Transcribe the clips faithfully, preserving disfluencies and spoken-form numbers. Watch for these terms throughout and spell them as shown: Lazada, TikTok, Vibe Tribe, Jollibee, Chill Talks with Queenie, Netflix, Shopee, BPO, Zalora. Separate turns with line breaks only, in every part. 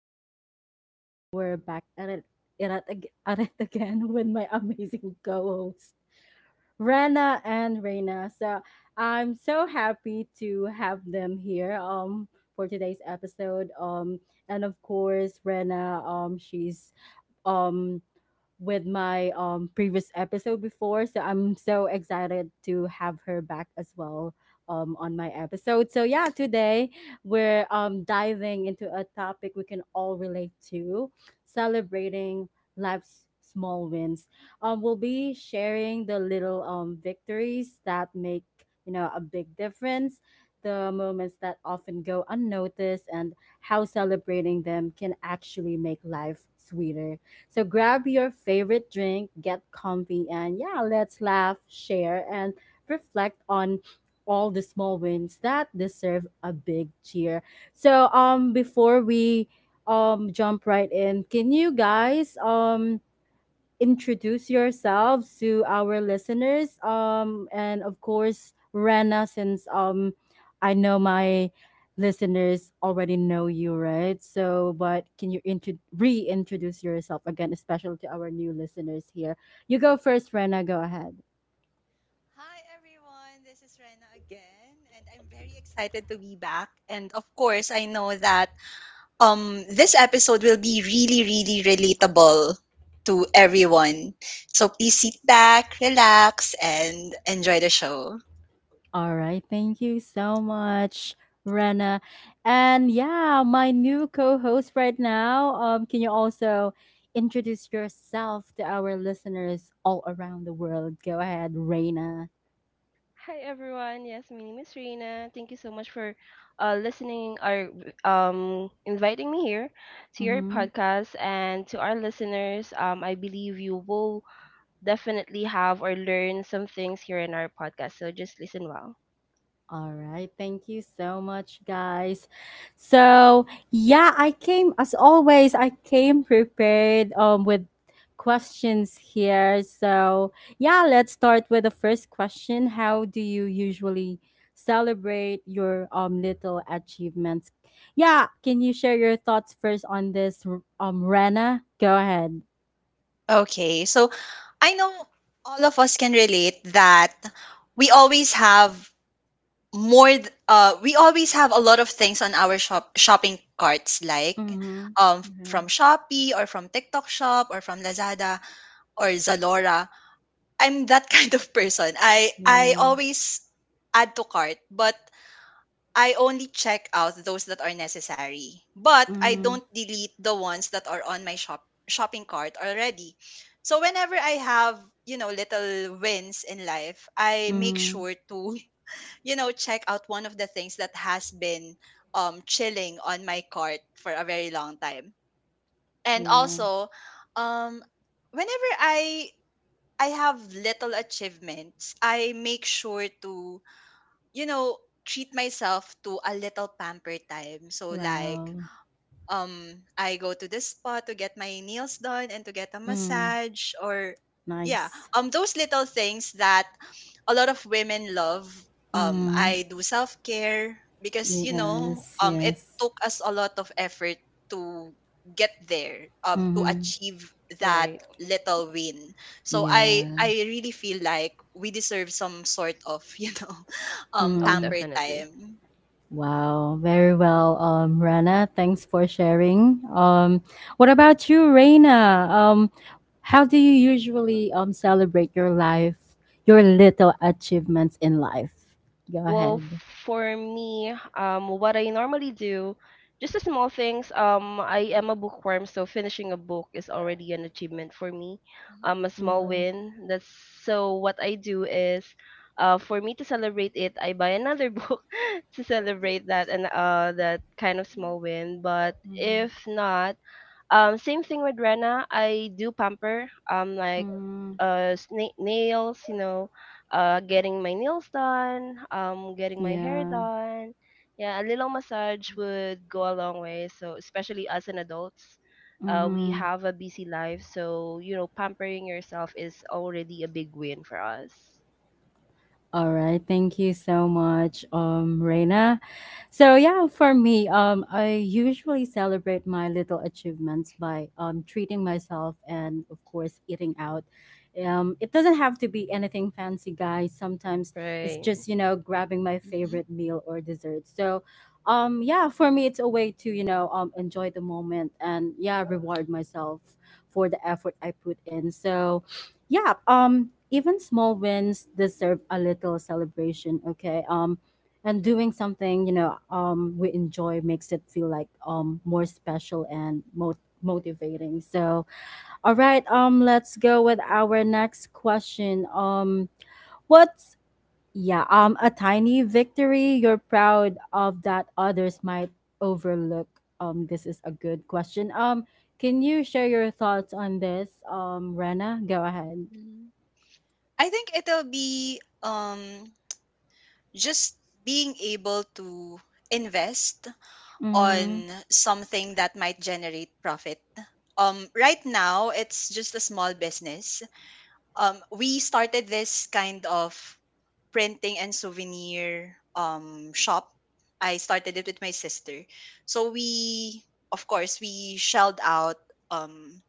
Talks with Queenie. We're back at it, at it, ag- at it again with my amazing co-hosts, Rana and Reina. So I'm so happy to have them here um for today's episode. Um and of course Rena um she's um with my um, previous episode before. So I'm so excited to have her back as well um, on my episode. So, yeah, today we're um, diving into a topic we can all relate to: celebrating life's small wins. Um, we'll be sharing the little um, victories that make you know a big difference, the moments that often go unnoticed, and how celebrating them can actually make life sweeter. So grab your favorite drink, get comfy, and yeah, let's laugh, share, and reflect on all the small wins that deserve a big cheer. So um before we um jump right in, can you guys um introduce yourselves to our listeners? Um, and of course, Rena, since um, I know my listeners already know you, right? So, but can you intro- reintroduce yourself again, especially to our new listeners here? You go first, Rena. Go ahead.
Hi everyone, this is Rena again, and I'm very excited to be back. And of course, I know that um this episode will be really, really relatable to everyone. So please sit back, relax, and enjoy the show.
All right. Thank you so much, Rena. And yeah, my new co host right now. Um, can you also introduce yourself to our listeners all around the world? Go ahead, Rena.
Hi everyone. Yes, my name is Rina. Thank you so much for uh, listening or um, inviting me here to your
Mm-hmm.
podcast and to our listeners. Um, I believe you will definitely have or learn some things here in our podcast. So just listen well.
All right. Thank you so much, guys. So, yeah, I came, as always, I came prepared um, with questions here. So, yeah, let's start with the first question. How do you usually celebrate your um, little achievements? Yeah, can you share your thoughts first on this, um, Rena? Go ahead.
Okay, so I know all of us can relate that we always have more th- uh we always have a lot of things on our shop shopping carts, like
Mm-hmm.
um
Yeah.
from Shopee or from TikTok shop or from Lazada or Zalora. I'm that kind of person. I I
Yeah.
always add to cart, but I only check out those that are necessary. But I don't delete the ones that are on my shop shopping cart already. So whenever I have, you know, little wins in life, I make
Mm-hmm.
sure to, you know, check out one of the things that has been um chilling on my cart for a very long time. And
Yeah.
also, um whenever I I have little achievements, I make sure to, you know, treat myself to a little pamper time. So like,
Wow.
um I go to the spa to get my nails done and to get a
Mm.
massage, or yeah,
Nice.
um those little things that a lot of women love. Um
Mm.
I do self-care because, you know,
Yes,
um it
yes.
took us a lot of effort to get there, um to
Mm-hmm.
achieve that
Right.
little win, so i
Yeah.
i really feel like we deserve some sort of you know um
Oh,
Mm.
pamper
definitely.
time.
Wow. Very well, um, Rana. Thanks for sharing. Um, what about you, Reina? Um, how do you usually um celebrate your life, your little achievements in life? Go
Well,
ahead.
for me, um, what I normally do, just the small things. Um, I am a bookworm, so finishing a book is already an achievement for me.
Mhm.
Um, a small
Mm-hmm.
win. That's so what I do is, uh, for me to celebrate it, I buy another book to celebrate that and uh that kind of small win. But
Mm-hmm.
if not, um, same thing with Rena. I do pamper, um, like
Mm-hmm.
uh, sna- nails, you know, uh, getting my nails done, um, getting my hair
Yeah.
done. Yeah, a little massage would go a long way. So especially as an adults, uh, we
Mm-hmm.
have a busy life, so you know, pampering yourself is already a big win for us.
All right, thank you so much, um, Reina. So yeah, for me, um, I usually celebrate my little achievements by um, treating myself and of course eating out. Um, it doesn't have to be anything fancy, guys. Sometimes it's
Right,
just you know grabbing my favorite meal or dessert. So, um, yeah, for me, it's a way to you know um, enjoy the moment and yeah, reward myself for the effort I put in. So yeah, um even small wins deserve a little celebration. Okay, um and doing something you know um we enjoy makes it feel like um more special and mo- motivating. So all right, um let's go with
Mhm.
our next question. Um what's yeah um A tiny victory you're proud of that others might overlook. Um this is a good question. Um can you share your thoughts on this, um Rena? Go ahead.
Mhm. I think it'll be um just being able to invest on something that might generate profit. Um, right now, it's just a small business. Um, we started this kind of printing and souvenir um, shop. I started it with my sister. So we, of course, we shelled out um,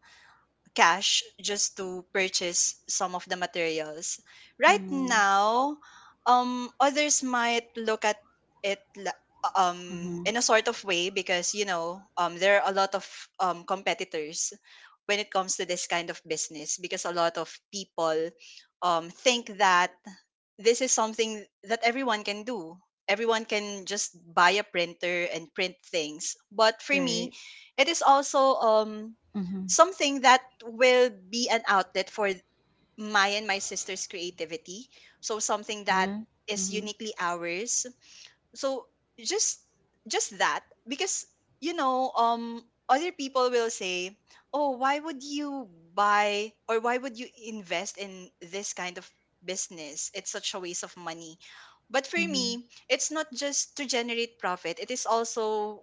cash just to purchase some of the materials. Right
Mhm.
now, um, others might look at it la- um,
Mhm.
in a sort of way because, you know um, there are a lot of um, competitors when it comes to this kind of business, because a lot of people um, think that this is something that everyone can do. Everyone can just buy a printer and print things. But for me,
right,
it is also um,
Mhm.
something that will be an outlet for my and my sister's creativity, so something that
Yeah.
is
Mhm.
uniquely ours. So just just that, because, you know um other people will say, oh, why would you buy or why would you invest in this kind of business? It's such a waste of money. But for
Mhm.
me, it's not just to generate profit, it is also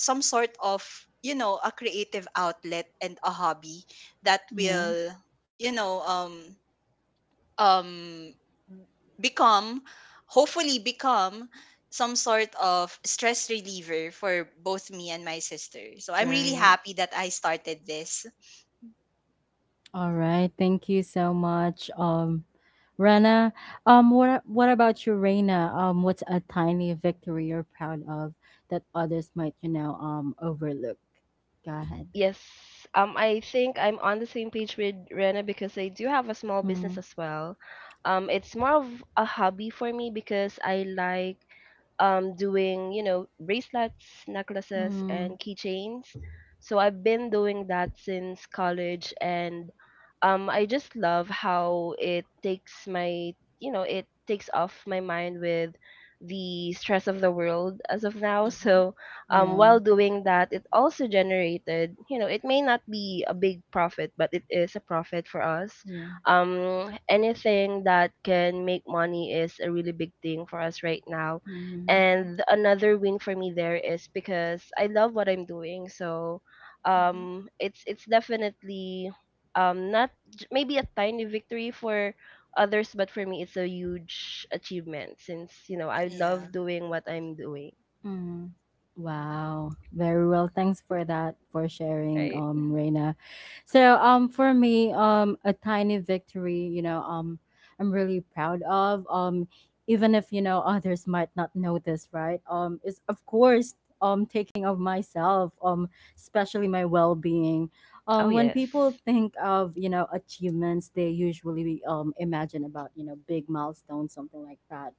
some sort of, you know a creative outlet and a hobby that
Yeah.
will, you know um um become, hopefully become, some sort of stress reliever for both me and my sister. So I'm really
right.
happy that I started this.
All right. Thank you so much, um, Rana. Um, what what about you, Reina? Um, what's a tiny victory you're proud of that others might, you know, um, overlook? Go ahead.
Yes. Um, I think I'm on the same page with Rena because I do have a small business
Mm-hmm.
as well. Um, it's more of a hobby for me because I like um doing, you know, bracelets, necklaces,
Mm-hmm.
and keychains. So I've been doing that since college and um I just love how it takes my, you know, it takes off my mind with the stress of the world as of now.
Mm-hmm,
So um,
Yeah.
while doing that, it also generated, you know, it may not be a big profit, but it is a profit for us.
Yeah.
Um, anything that can make money is a really big thing for us right now.
Mm-hmm.
mm-hmm,
And another win for me there is because I love what I'm doing. So
mm-hmm.
um, it's it's definitely um, not j- maybe a tiny victory for others, but for me, it's a huge achievement since, you know, I
Yeah.
love doing what I'm doing,
Mm.
Mm-hmm,
Wow, very well. Thanks for that, for sharing,
right?
um, Reina. So, um, for me, um, a tiny victory, you know, um, I'm really proud of. Um, even if you know others might not notice, right? Um, is of course, um, taking of myself, um, especially my well-being.
Oh,
Um, when
yes.
people think of you know achievements, they usually um imagine about you know big milestones, something like that.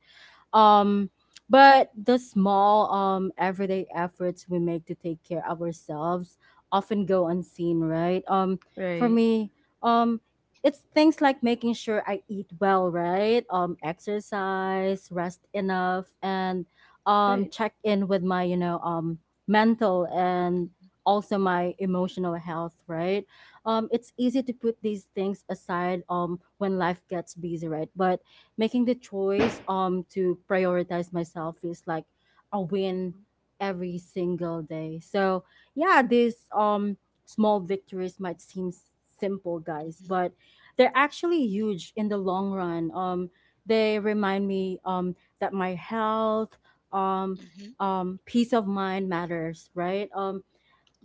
um, but the small um, everyday efforts we make to take care of ourselves often go unseen, right? Um, for
Right.
me, um, it's things like making sure I eat well, right? Um, exercise, rest enough, and um,
Right.
check in with my, you know, um, mental and also my emotional health, right? Um, it's easy to put these things aside um, when life gets busy, right? But making the choice um to prioritize myself feels like a win
mm-hmm,
every single day. So yeah, these um small victories might seem s- simple, guys,
mm-hmm.
but they're actually huge in the long run. Um, they remind me um that my health, um,
Mm-hmm.
um, peace of mind matters, right? Um,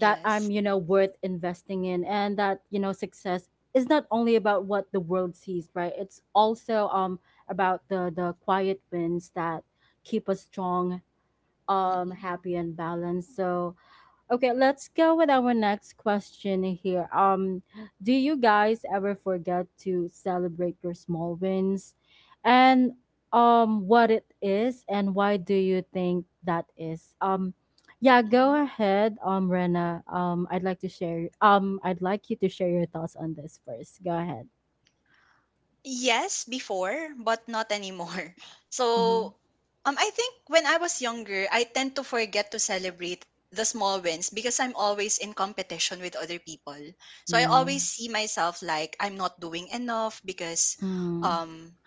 That I'm, you know, worth investing in and that, you know, success is not only about what the world sees, right? It's also um about the the quiet wins that keep us strong, um
Mm-hmm.
happy and balanced. So, okay, let's go with our next question here. Um, do you guys ever forget to celebrate your small wins? And um what it is and why do you think that is? Um yeah, go
Mhm.
ahead, um Rena. Um I'd like to share um I'd like you to share your thoughts on this first. Go ahead.
Yes, before, but not anymore.
Mm-hmm.
So, um, I think when I was younger, I tend to forget to celebrate the small wins because I'm always in competition with other people. So I
Yeah.
always see myself like I'm not doing enough because
Mm.
um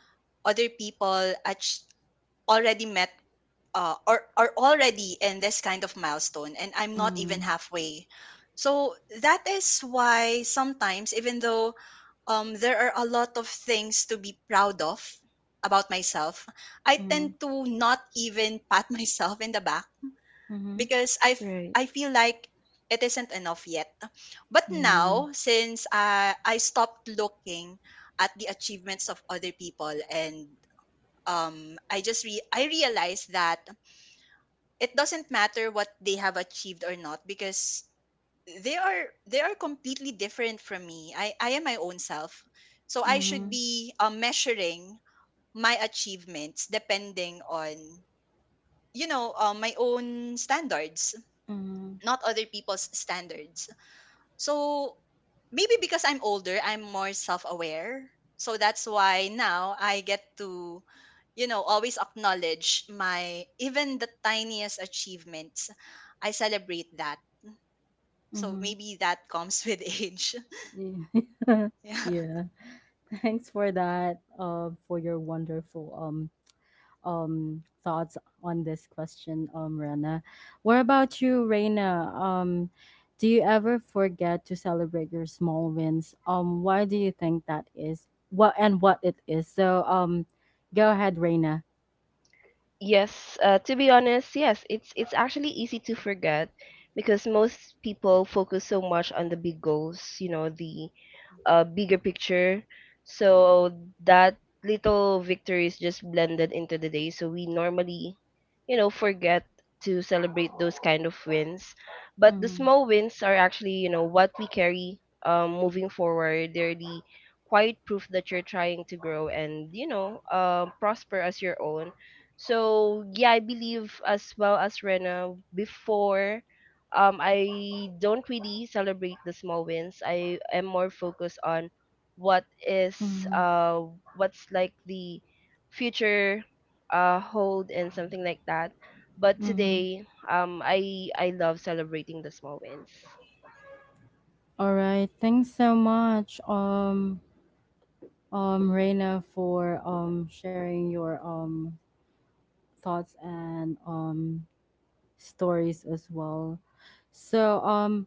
other people ach- already met, uh, are are already in this kind of milestone, and I'm not even
Mm.
halfway. So that is why sometimes, even though um there are a lot of things to be proud of about myself, I
Mm.
tend to not even pat myself in the back,
Mm-hmm.
because I f-
Right.
I feel like it isn't enough yet. But
Yeah.
now since I I stopped looking at the achievements of other people, and um I just re- I realized that it doesn't matter what they have achieved or not, because they are they are completely different from me. I I am my own self. So I should
Mm-hmm.
be, uh, measuring my achievements depending on, you know uh, my own standards,
Mm-hmm.
not other people's standards. So maybe because I'm older, I'm more self-aware. So that's why now I get to, you know, always acknowledge my, even the tiniest, achievements. I celebrate that. So maybe that comes with age.
Yeah.
Yeah.
yeah. Thanks for that. Um, for your wonderful um um thoughts on this question, um, Rena. What about you, Reina? Um, do you ever forget to celebrate your small wins? Um, why do you think that is? What and what it is? So, um, go ahead, Reina.
Yes, uh, to be honest, yes, it's it's actually easy to forget because most people focus so much on the big goals, you know, the
Mhm.
uh, bigger picture. So that little victory is just blended into the day. So we normally, you know, forget to celebrate those kind of wins. But the
Mm-hmm.
small wins are actually, you know, what we carry um, moving forward. They're the quiet proof that you're trying to grow and, you know, uh, prosper as your own. So yeah, I believe as well as Rena before um I don't really celebrate the small wins. I am more focused on what is
Mm-hmm.
uh what's like the future uh hold and something like that. But
Mm-hmm.
today, um, I I love celebrating the small wins.
All right. Thanks so much, um, um, Reina, for um sharing your um thoughts and um stories as well. So um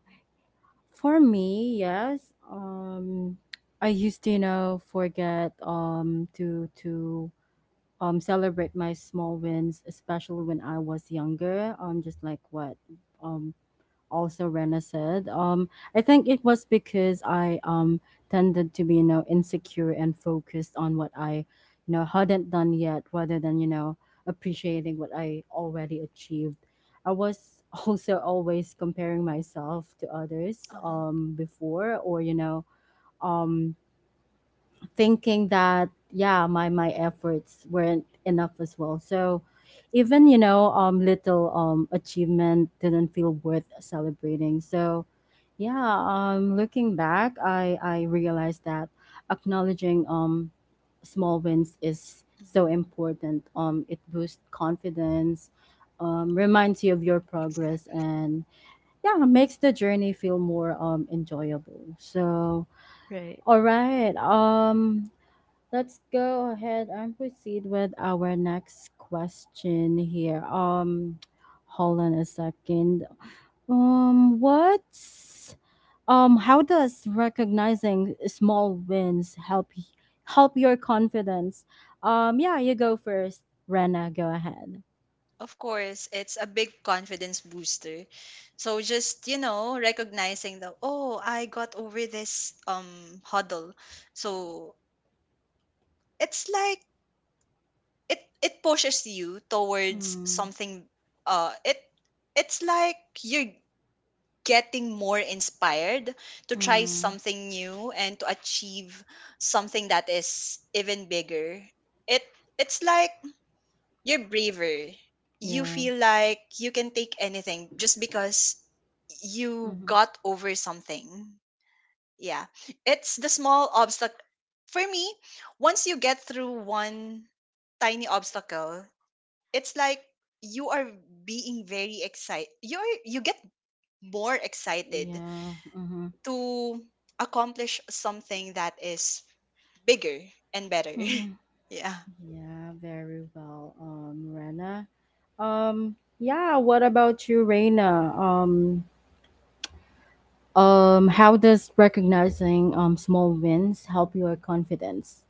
for me, yes, um I used to you know forget um to to um celebrate my small wins, especially when I was younger. Um just like what um also Rena said. Um, I think it was because I um tended to be you know insecure and focused on what I you know hadn't done yet, rather than you know appreciating what I already achieved. I was also always comparing myself to others
Uh-huh.
um before or you know um thinking that yeah my my efforts weren't enough as well. So even you know um little um achievement didn't feel worth celebrating. So yeah, um looking back, i i realized that acknowledging um small wins is
Mhm.
so important. Um it boosts confidence, um reminds you of your progress,
Exactly.
and yeah, makes the journey feel more um enjoyable. So
Right.
all right. Um Let's go ahead and proceed with our next question here. Um, hold on a second. Um, what's um, How does recognizing small wins help y- help your confidence? Um, yeah, you go first, Rena. Go ahead.
Of course, it's a big confidence booster. So just, you know, recognizing that, oh, I got over this um huddle. So it's like it it pushes you towards
Mm.
something, uh it it's like you're getting more inspired to try
Mm.
something new and to achieve something that is even bigger. It it's like you're braver. You
Yeah.
feel like you can take anything, just because you
Mm-hmm.
got over something. Yeah. It's the small obstacle. For me, once you get through one tiny obstacle, it's like you are being very excited. You are you get more excited
Yeah.
to accomplish something that is bigger and better.
Mm-hmm.
Yeah.
Yeah, very well, um, Rena. Um, yeah, what about you, Reina? Um, um, how does recognizing um small wins help your confidence?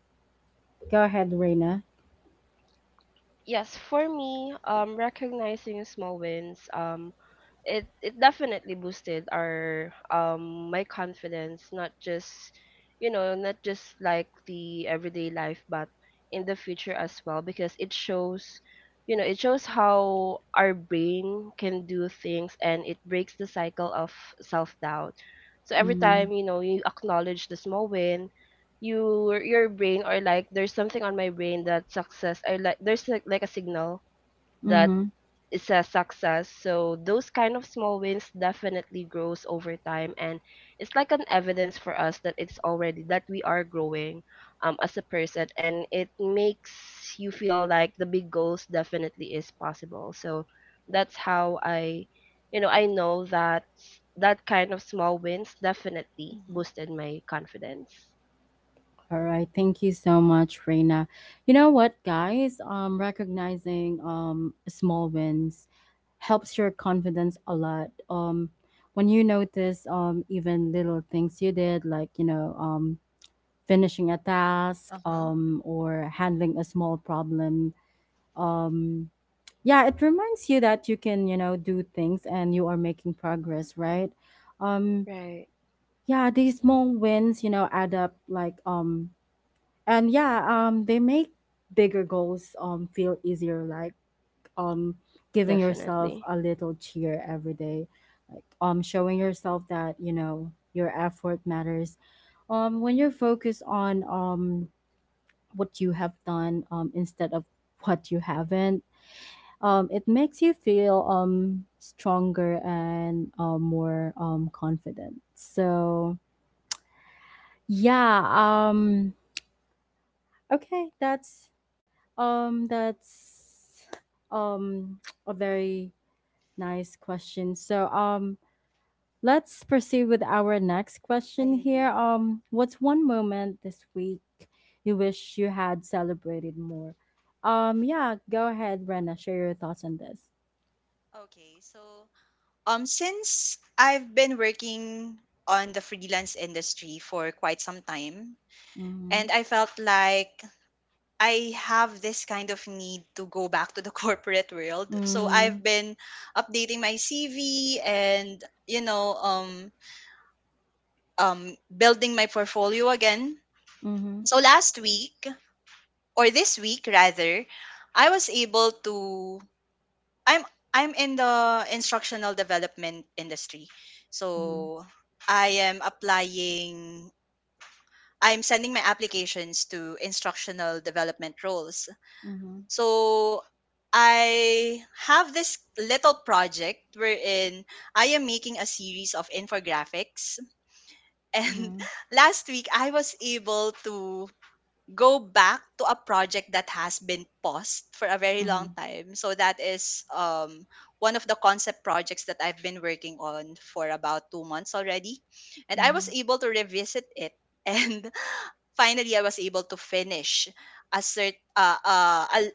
Go ahead, Reina.
Yes, for me, um, recognizing small wins, um, it it definitely boosted our um my confidence, not just you know, not just like the everyday life, but in the future as well, because it shows, you know, it shows how our brain can do things, and it breaks the cycle of self doubt. So every
Mm-hmm.
time you know you acknowledge the small win, your your brain or like there's something on my brain that success or like there's like, like a signal that
Mm-hmm.
it's a success, so those kind of small wins definitely grows over time and it's like an evidence for us that it's already that we are growing um as a person, and it makes you feel like the big goals definitely is possible. So that's how i you know i know that that kind of small wins definitely
Mm-hmm.
boosted my confidence.
All right, thank you so much, Reina. You know what, guys? Um, recognizing um small wins helps your confidence a lot. Um, when you notice um even little things you did, like you know um finishing a task
Uh-huh.
um, or handling a small problem. Um, yeah, it reminds you that you can, you know, do things and you are making progress, right? Um,
Right.
yeah, these small wins, you know, add up like um and yeah, um they make bigger goals um feel easier, like um giving yourself
Definitely.
a little cheer every day. Like um showing yourself that, you know, your effort matters um when you're focused on um what you have done um, instead of what you haven't. Um, it makes you feel um, stronger and uh, more um, confident. So yeah, um, okay, that's um, that's um, a very nice question. So um, let's proceed with our next
I
question here.
agree.
Um, what's one moment this week you wish you had celebrated more? Um, yeah, go ahead, Rena. Share your thoughts on this.
Okay, so Um, since I've been working on the freelance industry for quite some time,
Mm-hmm.
and I felt like I have this kind of need to go back to the corporate world. So
Mm-hmm.
I've been updating my C V and, you know, um, um, building my portfolio again.
Mm-hmm.
So last week, or this week rather, I was able to I'm I'm in the instructional development industry. So I am applying I'm sending my applications to instructional development roles.
Mm-hmm.
So I have this little project wherein I am making a series of infographics, and
Mm-hmm.
last week I was able to go back to a project that has been paused for a very
Mm-hmm.
long
Mm-hmm.
time. So that is um, one of the concept projects that I've been working on for about two months already. And I was
Mm-hmm.
able to revisit it. And finally, I was able to finish a cert, uh, uh, a,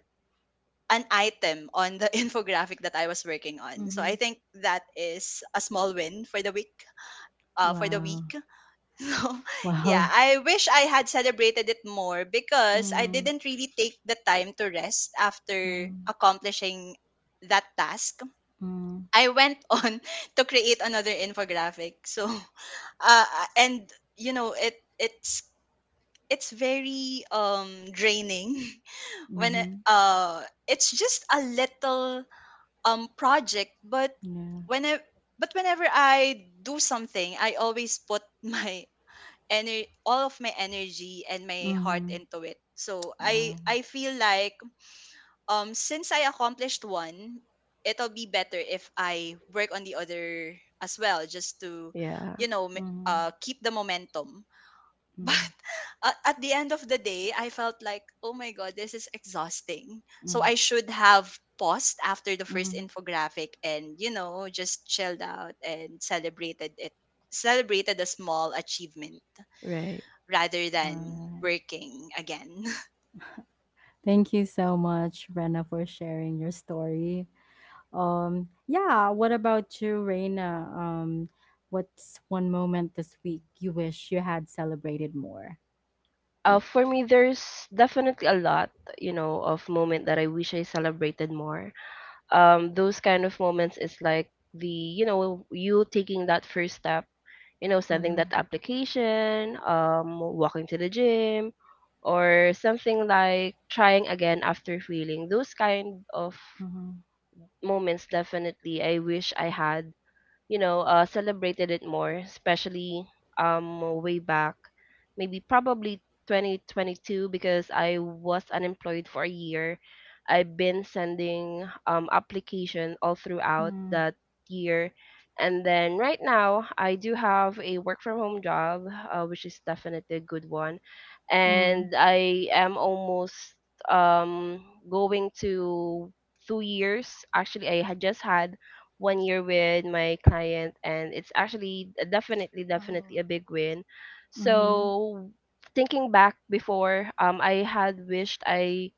an item on the infographic that I was working on. So I
Mm-hmm.
think that is a small win for the week. Uh, for the
Wow.
week. So, yeah,
Wow.
I wish I had celebrated it more because I
Mm-hmm.
didn't really take the time to rest after
Mm-hmm.
accomplishing that task. I went on to create another infographic. So, uh, and, you know, it it's it's very um draining, when it,
Mm-hmm.
uh it's just a little um project, but
Yeah.
when I but whenever I do something, I always put my ener- all of my energy and my heart
Mm-hmm.
into it. So I
Wow.
I feel like um since I accomplished one, it'll be better if I work on the other as well, just to,
Yeah,
you know ma-
Mm-hmm.
uh keep the momentum.
Mm-hmm.
But a- at the end of the day, I felt like, oh my god, this is exhausting. So
Mm-hmm.
I should have paused after the first
Mm-hmm.
infographic and, you know just chilled out and celebrated it celebrated a small achievement,
right.
rather
All
than
right.
working again.
Thank you so much, Rena, for sharing your story. Um, yeah, what about you, Rena? Um, what's one moment this week you wish you had celebrated more?
Uh,
Yep.
for me, there's definitely a lot, you know, of moment that I wish I celebrated more. Um, those kind of moments is like the, you know, you taking that first step, you know, sending that
Mm-hmm.
application, um, walking to the gym, or something like trying again after failing. Those kind of
Mm-hmm.
moments, definitely, I wish I had you know, uh, celebrated it more, especially um way back, maybe probably twenty twenty-two because I was unemployed for a year. I've been sending um application all throughout
Mm-hmm.
that year. And then right now, I do have a work from home job, uh, which is definitely a good one. And I am almost um going to two years. Actually, I had just had one year with my client and it's actually definitely definitely
Oh.
a big win.
Mm-hmm.
So thinking back before, um I had wished I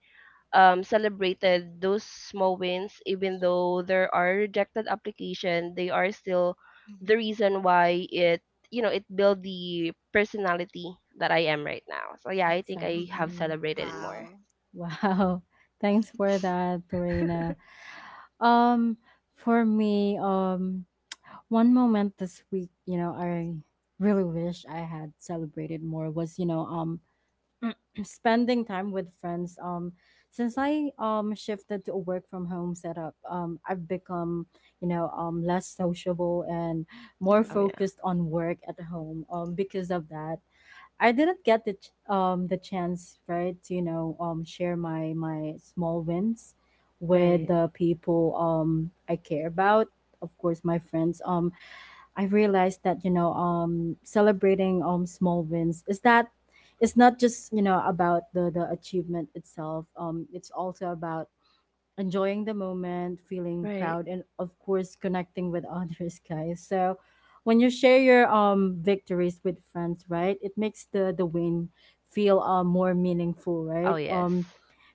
um celebrated those small wins, even though there are rejected application, they are still the
Mm-hmm.
reason why it you know it built the personality that I am right now. So yeah, I think I have
Hmm.
Exactly.
celebrated it more.
Wow.
Wow. Thanks for that, Reina. Um, for me, um, one moment this week, you know, I really wish I had celebrated more was, you know, um, spending time with friends. Um, since I um shifted to a work from home setup, um, I've become, you know, um, less sociable and more
Mm-hmm.
Oh yeah.
focused on work at home. Um, because of that, I didn't get the ch- um the chance, right, to you know um share my my small wins with
Right,
the people um I care about. Of course, my friends. Um, I realized that you know um celebrating um small wins is that it's not just you know about the the achievement itself. Um, it's also about enjoying the moment, feeling
right.
proud, and of course, connecting with others, guys. So, when you share your um victories with friends, right, it makes the the win feel uh, more meaningful,
Oh
right?
yes.
Um,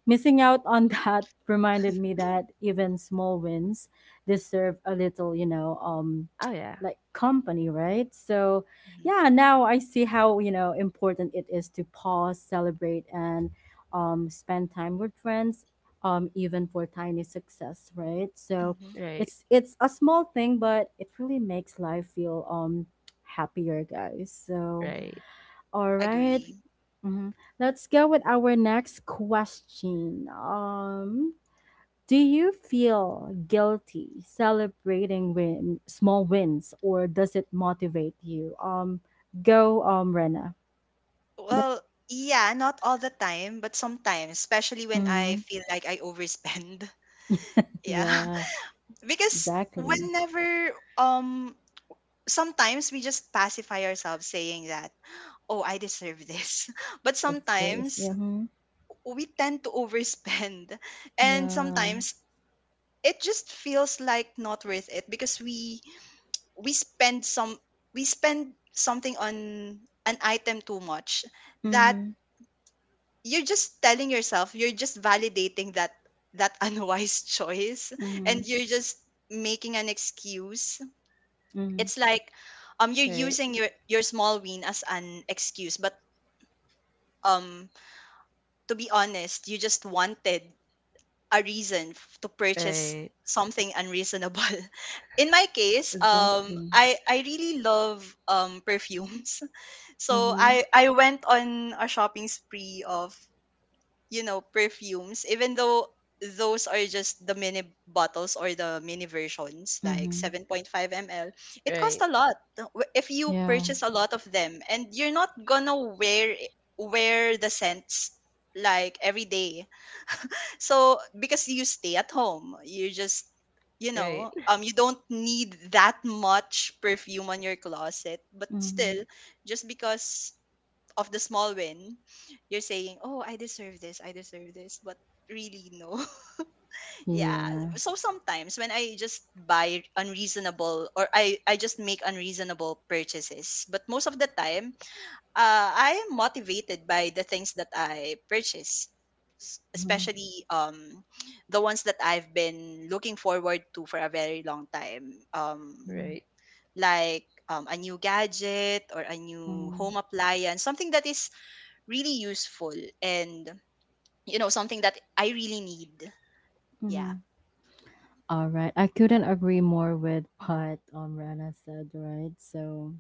Missing out on that reminded me that even small wins deserve a little, you know, um,
Oh yeah.
like company, right? So,
Mm-hmm.
yeah, now I see how you know important it is to pause, celebrate, and um, spend time with friends, um, even for tiny success, right? So
Mm-hmm.
Right,
it's it's a small thing, but it really makes life feel um happier, guys. So
right,
Hmm.
all right,
Agree.
mhm. Let's go with our next question. Um, do you feel guilty celebrating win small wins, or does it motivate you? Um, go, um, Rena. Yep.
Well, yeah, not all the time, but sometimes, especially when
Mm,
I feel like I overspend. Yeah.
yeah.
Because
Exactly.
whenever, um sometimes we just pacify ourselves saying that, "Oh, I deserve this." But
Of course.
sometimes
Yeah. Mhm.
we tend to overspend. And
Yeah.
sometimes it just feels like not worth it, because we we spend some we spend something on an item too much, that
Mm-hmm.
you're just telling yourself, you're just validating that that unwise choice, and
Mhm,
you're just making an excuse.
mhm,
It's like um you're
right.
using your your small win as an excuse, but um to be honest, you just wanted a reason f- to purchase
Right,
something unreasonable. In my case, um,
exactly.
I I really love um perfumes, so
Mhm,
I I went on a shopping spree of, you know perfumes, even though those are just the mini bottles or the mini versions, like
mhm.
seven point five milliliters. It costs
right,
a lot, w- if you
Yeah.
purchase a lot of them, and you're not gonna wear it- wear the scents like every day, so because you stay at home, you just, you
right,
know um you don't need that much perfume on your closet. But
Mhm.
still, just because of the small win, you're saying, oh I deserve this, I deserve this, but really, no. Yeah.
Yeah.
So sometimes when I just buy unreasonable or I I just make unreasonable purchases, but most of the time, uh, I am motivated by the things that I purchase, s-
Mhm,
especially um, the ones that I've been looking forward to for a very long time. Um,
mhm,
right.
like um, a new gadget or a new
mhm,
home appliance, something that is really useful and, you know something that I really need. Yeah.
mhm. All right. I couldn't agree more with
Mm.
what um Rana said, right? So,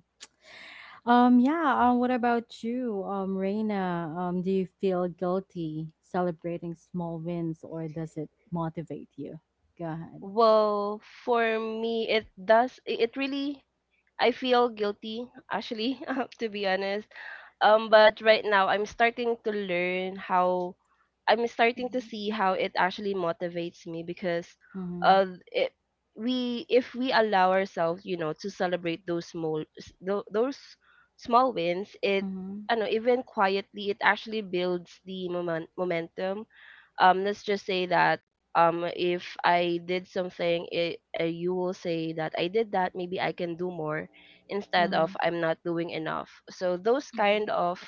um yeah, um what about you, um Reina? Um do you feel guilty celebrating small wins or does it motivate you? Go ahead.
Well, for me, it does. It it really. I feel guilty, actually, uh, to be honest. Um, but right now, I'm starting to learn how. I'm starting to see how it actually motivates me because,
Mhm.
uh, it, we if we allow ourselves, you know, to celebrate those small s- tho- those small wins, it,
Mhm.
I know, even quietly, it actually builds the moment, momentum. Um let's just say that um if I did something it, uh, you will say that I did that, maybe I can do more instead
Mhm.
of I'm not doing enough. So those
Mm-hmm.
kind of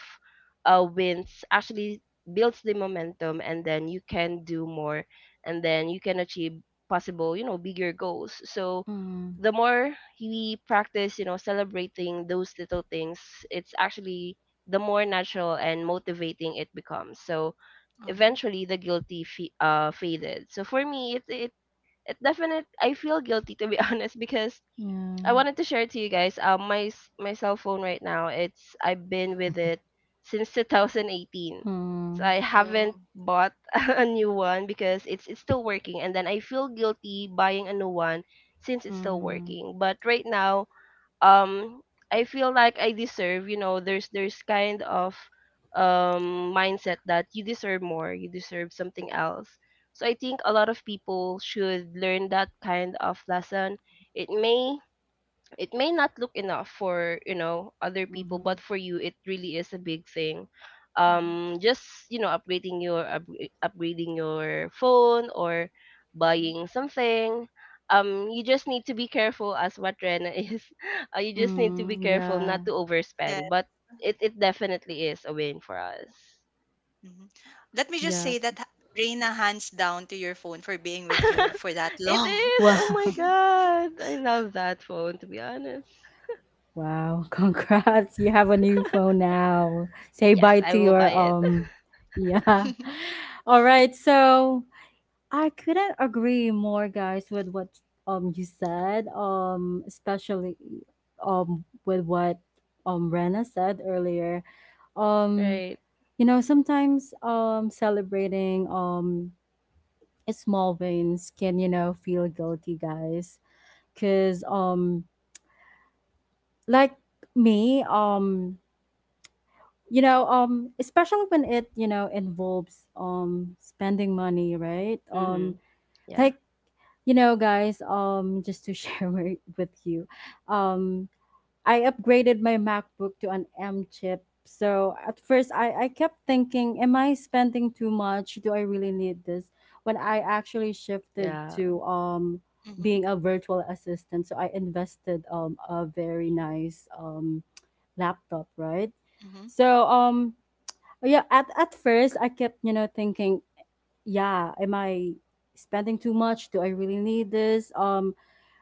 uh, wins actually builds the momentum and then you can do more and then you can achieve possible you know bigger goals. So
Mhm.
the more we practice you know celebrating those little things, it's actually the more natural and motivating it becomes. So
Mm-hmm.
eventually the guilty fe- uh faded. So for me, it it it definite I feel guilty to be honest because
Yeah.
I wanted to share it to you guys. Um, my s- my cell phone right now, it's I've been with it since two thousand eighteen. So
Mhm.
I haven't
Oh.
bought a new one because it's it's still working, and then I feel guilty buying a new one since it's still
Mhm.
working. But right now, um I feel like I deserve, you know, there's there's kind of um mindset that you deserve more, you deserve something else. So I think a lot of people should learn that kind of lesson. It may it may not look enough for you know other people, but
Mhm.
for you it really is a big thing, um just you know upgrading your upgra- upgrading your phone or
Mm-hmm.
buying something. Um you just need to be careful as what Rena is uh, you just need to be
Mm,
careful not
yeah,
to overspend, but it, it definitely is a win for us.
Mhm. Let me just
yeah.
say that, Reina, hands down to your phone for being with you for that
It
long.
is, oh my
Wow,
god, I love that phone to be honest.
wow. Congrats. You have a new phone now. Say
Yes,
bye
I
to
will buy
your
it.
um yeah. All right. So, I couldn't agree more guys with what um you said, um especially um with what um Rena said earlier. Um
Right.
you know, sometimes um celebrating um small wins can, you know, feel guilty, guys, cuz um like me, um you know, um especially when it, you know, involves um spending money, right? Um
Mm-hmm. Yeah.
like, you know, guys, um just to share wi- with you, um I upgraded my MacBook to an M chip. So at first i i kept thinking, am I spending too much? Do I really need this? When I actually shifted
Yeah,
to um
Mhm,
being a virtual assistant, so I invested um a very nice um laptop, right?
mhm,
So um yeah, at at first I kept, you know, thinking, yeah, am I spending too much? Do I really need this? Um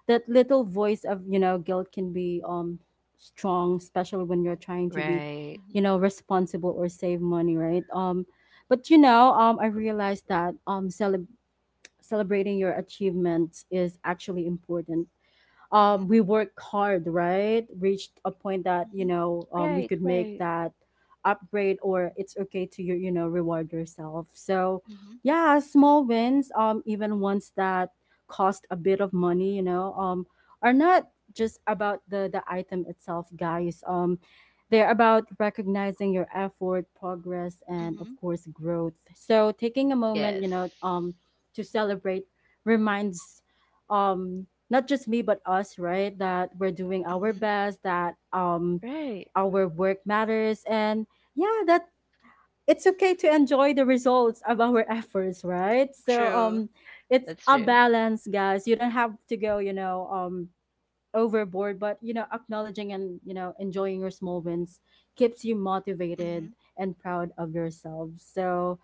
That little voice of, you know, guilt can be um strong, especially when you're trying to be,
right,
you
mhm,
know, responsible or save money, right? Um but you know, um I realized that um cele- celebrating your achievements is actually important. Um,
mhm,
we worked hard, right? Reached a point that, you
mhm,
know, um, we
right,
could make
right.
that upgrade, or it's okay to you you know, reward yourself. So,
mhm, mhm,
yeah, small wins, um, even ones that cost a bit of money, you know, um, are not just about the the item itself, guys. Um, they're about recognizing your effort, progress, and of
mhm.
course growth. So taking a moment, you
Yes,
know, um, to celebrate reminds um not just me but us, right, that we're doing our
Mhm.
best, that um
right.
our work matters and yeah, that it's okay to enjoy the results of our efforts, right? So
True.
um it's
That's
a
true.
balance, guys. You don't have to go, you know, um overboard, but you know, acknowledging and, you know, enjoying your small wins keeps you motivated
Mhm.
and proud of yourself. So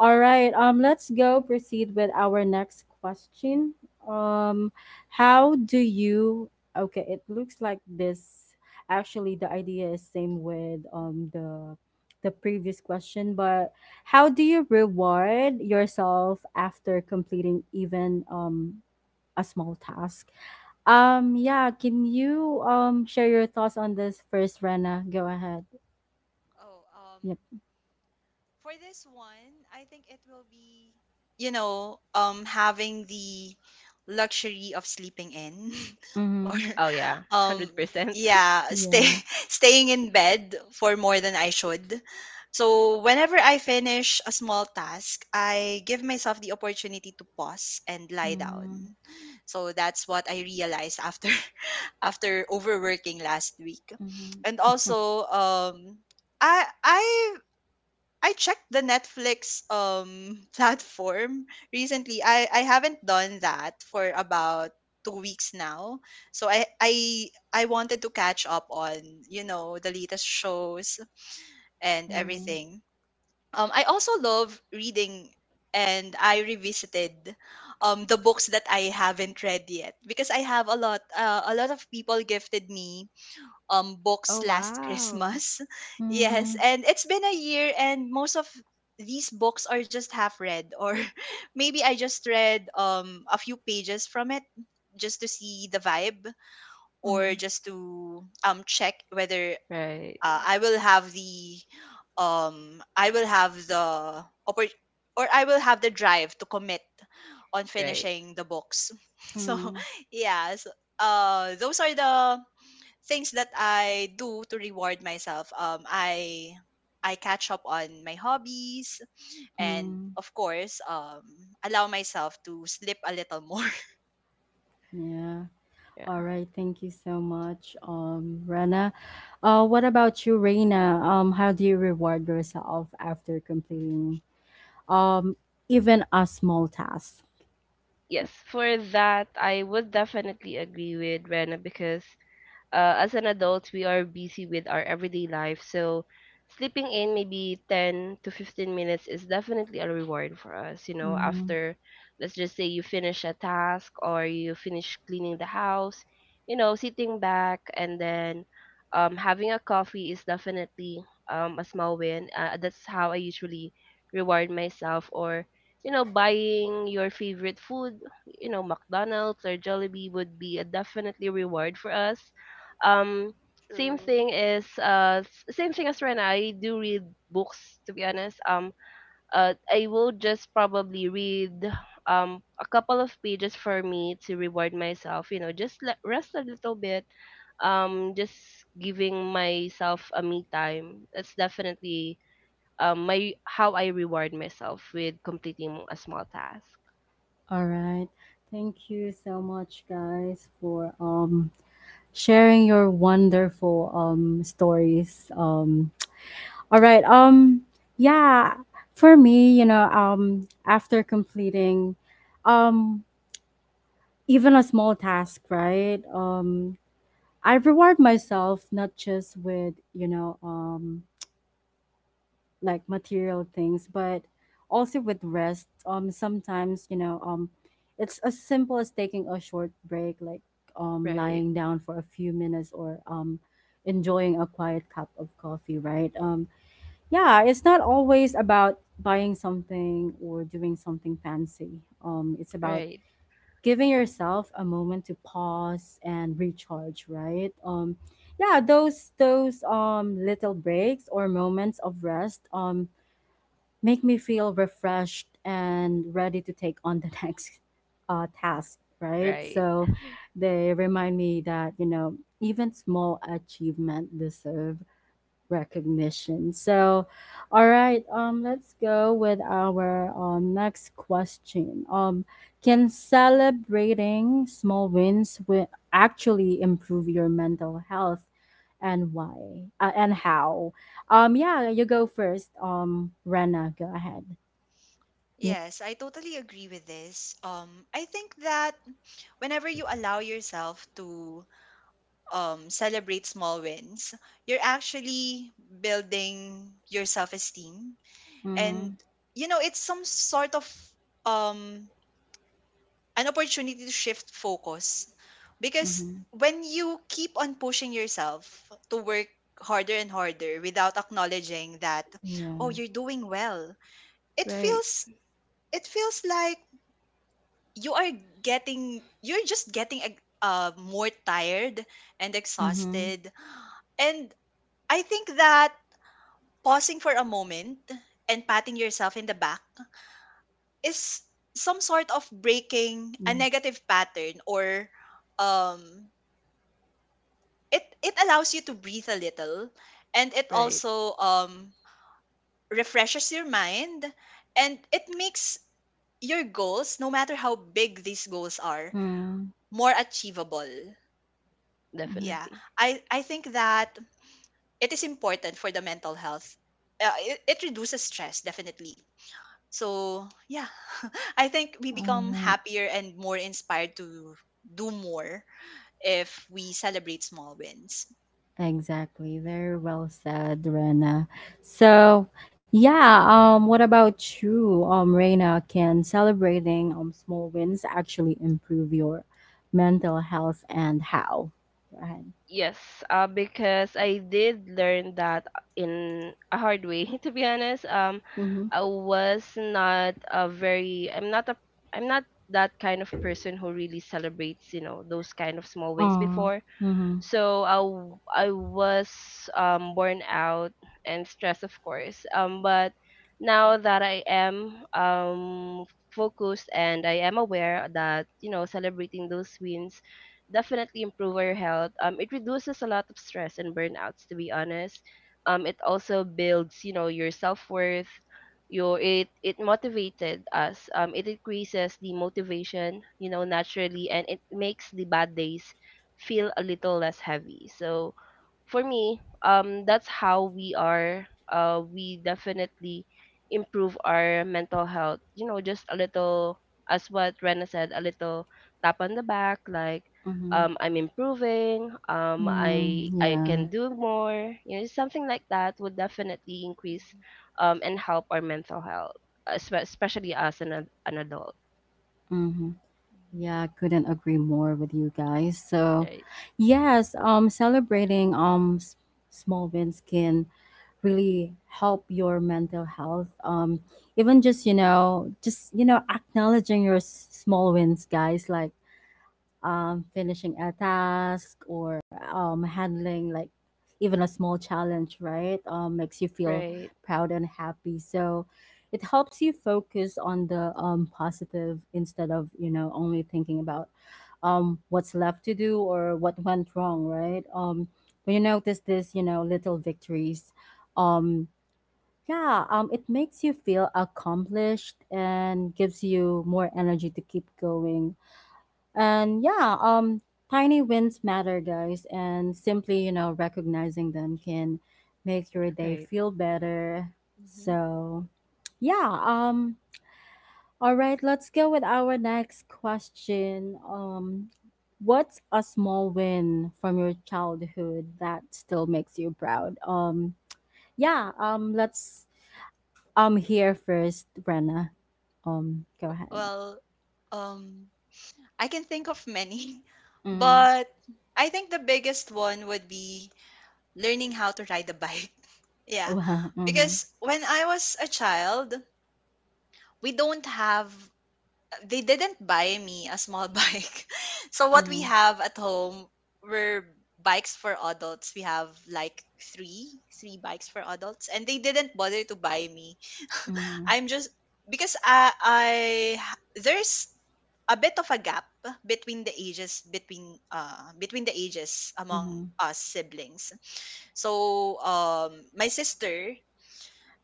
all right, um let's go proceed with our next question. um how do you, okay, it looks like this actually the idea is same with um the the previous question, but how do you reward yourself after completing even um a small task? Um, yeah, can you um share your thoughts on this first, Rena? Go ahead.
Oh, um,
Yep.
for this one, I think it will be, you know, um, having the luxury of sleeping in, or,
Mm-hmm.
Oh yeah,
um,
hundred percent.
yeah, stay
Yeah.
staying in bed for more than I should. So whenever I finish a small task, I give myself the opportunity to pause and lie
Mm-hmm.
down. So that's what I realized after after overworking last week.
Mm-hmm.
And also um I I I checked the Netflix um platform recently. I I haven't done that for about two weeks now. So I I I wanted to catch up on, you know, the latest shows and
Mm-hmm.
everything. Um I also love reading and I revisited um the books that I haven't read yet because I have a lot uh, a lot of people gifted me um books
Oh
last
wow.
Christmas. Yes,
Mm-hmm.
and it's been a year and most of these books are just half read, or maybe I just read um a few pages from it just to see the vibe or just to um check whether
Right,
uh, I will have the um I will have the oppor- or I will have the drive to commit on
right.
finishing the books. So
Mm-hmm.
yeah, so, uh those are the things that I do to reward myself. Um, I I catch up on my hobbies and
Mm-hmm.
of course um allow myself to sleep a little more.
Yeah. All
Yeah.
right. Thank you so much, um, Rena. Uh, what about you, Reina? Um, how do you reward yourself after completing um even a small task?
Yes,
Yep.
for that I would definitely agree with Rena because uh, as an adult, we are busy with our everyday life. So sleeping in maybe ten to fifteen minutes is definitely a reward for us. You know,
Mm-hmm.
after, let's just say, you finish a task or you finish cleaning the house, you know, sitting back and then um, having a coffee is definitely um, a small win. Uh, that's how I usually reward myself, or you know, buying your favorite food, you know, McDonald's or Jollibee would be a definitely reward for us. Um same
True.
thing is uh s- same thing as Rena. I do read books to be honest. Um uh I will just probably read um a couple of pages for me to reward myself, you know, just let, rest a little bit. Um, just giving myself a me time. That's definitely um my how I reward myself with completing a small task.
All right. Thank you so much, guys, for um sharing your wonderful um stories. Um, all right. Um yeah, for me, you know, um after completing um even a small task, right? Um I reward myself not just with, you know, um like material things, but also with rest. Um sometimes, you know, um it's as simple as taking a short break, like um
Right.
lying down for a few minutes, or um enjoying a quiet cup of coffee, right? Um yeah, it's not always about buying something or doing something fancy. Um it's about
Right.
giving yourself a moment to pause and recharge, right? Um yeah, those those um little breaks or moments of rest um make me feel refreshed and ready to take on the next uh, task, right?
Right.
So they remind me that, you know, even small achievement deserve recognition. So, all right, um, let's go with our um, next question. Um, can celebrating small wins wi- actually improve your mental health, and why uh, and how? Um, yeah, you go first. Um, Rena, go ahead. Yep.
Yes, I totally agree with this. Um, I think that whenever you allow yourself to um, celebrate small wins, you're actually building your self esteem.
Mm-hmm.
And, you know, it's some sort of um, an opportunity to shift focus because
Mm-hmm.
when you keep on pushing yourself to work harder and harder without acknowledging that,
Yeah.
oh, you're doing well, it
Right.
feels it feels like you are getting you're just getting ex- uh, more tired and
Mhm.
exhausted. And I think that pausing for a moment and patting yourself in the back is some sort of breaking a
Yeah.
negative pattern, or um it it allows you to breathe a little, and it
Right.
also um refreshes your mind and it makes your goals, no matter how big these goals are,
Mm-hmm.
more achievable. Yeah,
Definitely.
i i think that it is important for the mental health. uh, it, it reduces stress definitely. So yeah, I think we
All
become
right.
happier and more inspired to do more if we celebrate small wins.
Exactly. Very well said, Rena. So, yeah, um what about you? Um Rena, can celebrating um small wins actually improve your mental health and how? Go ahead.
Yes, uh, because I did learn that in a hard way. To be honest, um,
Mhm.
I was not a very. I'm not a. I'm not that kind of person who really celebrates, you know, those kind of small wins
Mm.
before.
Mhm.
So I w- I was um, worn out and stressed, of course. Um, but now that I am um, focused and I am aware that you know celebrating those wins definitely improve our health. Um, it reduces a lot of stress and burnouts, to be honest. Um, it also builds you know your self worth. Your it it motivated us. Um, it increases the motivation, you know, naturally, and it makes the bad days feel a little less heavy. So for me, um, that's how we are. Uh, we definitely improve our mental health. You know, just a little, as what Rena said, a little tap on the back, like
Mhm.
um, I'm improving. Um,
Mm.
I I
Yeah.
can do more. You know, something like that would definitely increase um, and help our mental health, espe- especially as an ad- an adult.
Mhm. Yeah, couldn't agree more with you guys. So,
Right.
yes, um, celebrating um s- small wins can really help your mental health. Um, even just you know, just you know, acknowledging your s- small wins, guys. Like um, finishing a task or um, handling like even a small challenge, right? Um, makes you feel
Right.
proud and happy. So it helps you focus on the um, positive instead of, you know, only thinking about um, what's left to do or what went wrong, right? Um, when you notice this, you know, little victories, um, yeah, um, it makes you feel accomplished and gives you more energy to keep going and yeah, um, tiny wins matter, guys, and simply, you know, recognizing them can make your day
Right.
feel better.
Hmm.
So, yeah, um, all right, let's go with our next question. Um, what's a small win from your childhood that still makes you proud? Um, yeah, um, let's um hear first, Brenna. Um, go ahead.
Well, um, I can think of many,
Mm-hmm.
but I think the biggest one would be learning how to ride a bike. Yeah,
Wow. Mm-hmm.
because when I was a child, we don't have, they didn't buy me a small bike. So what we
Mm-hmm.
have at home were bikes for adults. We have like three, three bikes for adults, and they didn't bother to buy me. I'm just because I I there's a bit of a gap between the ages, between uh between the ages among
Mm-hmm.
us siblings. So um my sister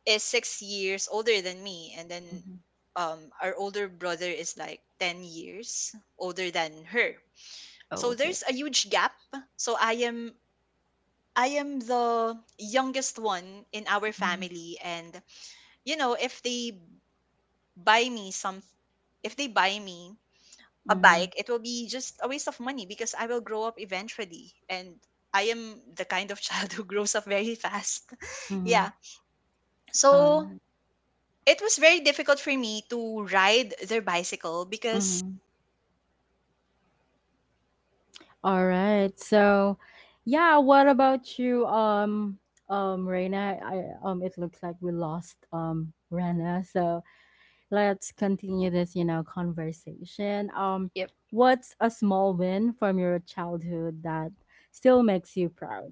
is six years older than me, and then
Mm-hmm.
um our older brother is like ten years older than her.
Oh,
So
okay.
there's a huge gap. So I am I am the youngest one in our
Mhm,
family, and you know, if they buy me some if they buy me a
mhm,
bike, it will be just a waste of money because I will grow up eventually. And I am the kind of child who grows up very fast. Yeah.
mhm.
So
Alright.
it was very difficult for me to ride their bicycle because,
Mhm.
you know, I
Alright. So, yeah, what about you, um, um, Reina? I um, it looks like we lost um, Rena. So let's continue this, you know, conversation. Um,
Yep.
what's a small win from your childhood that still makes you proud?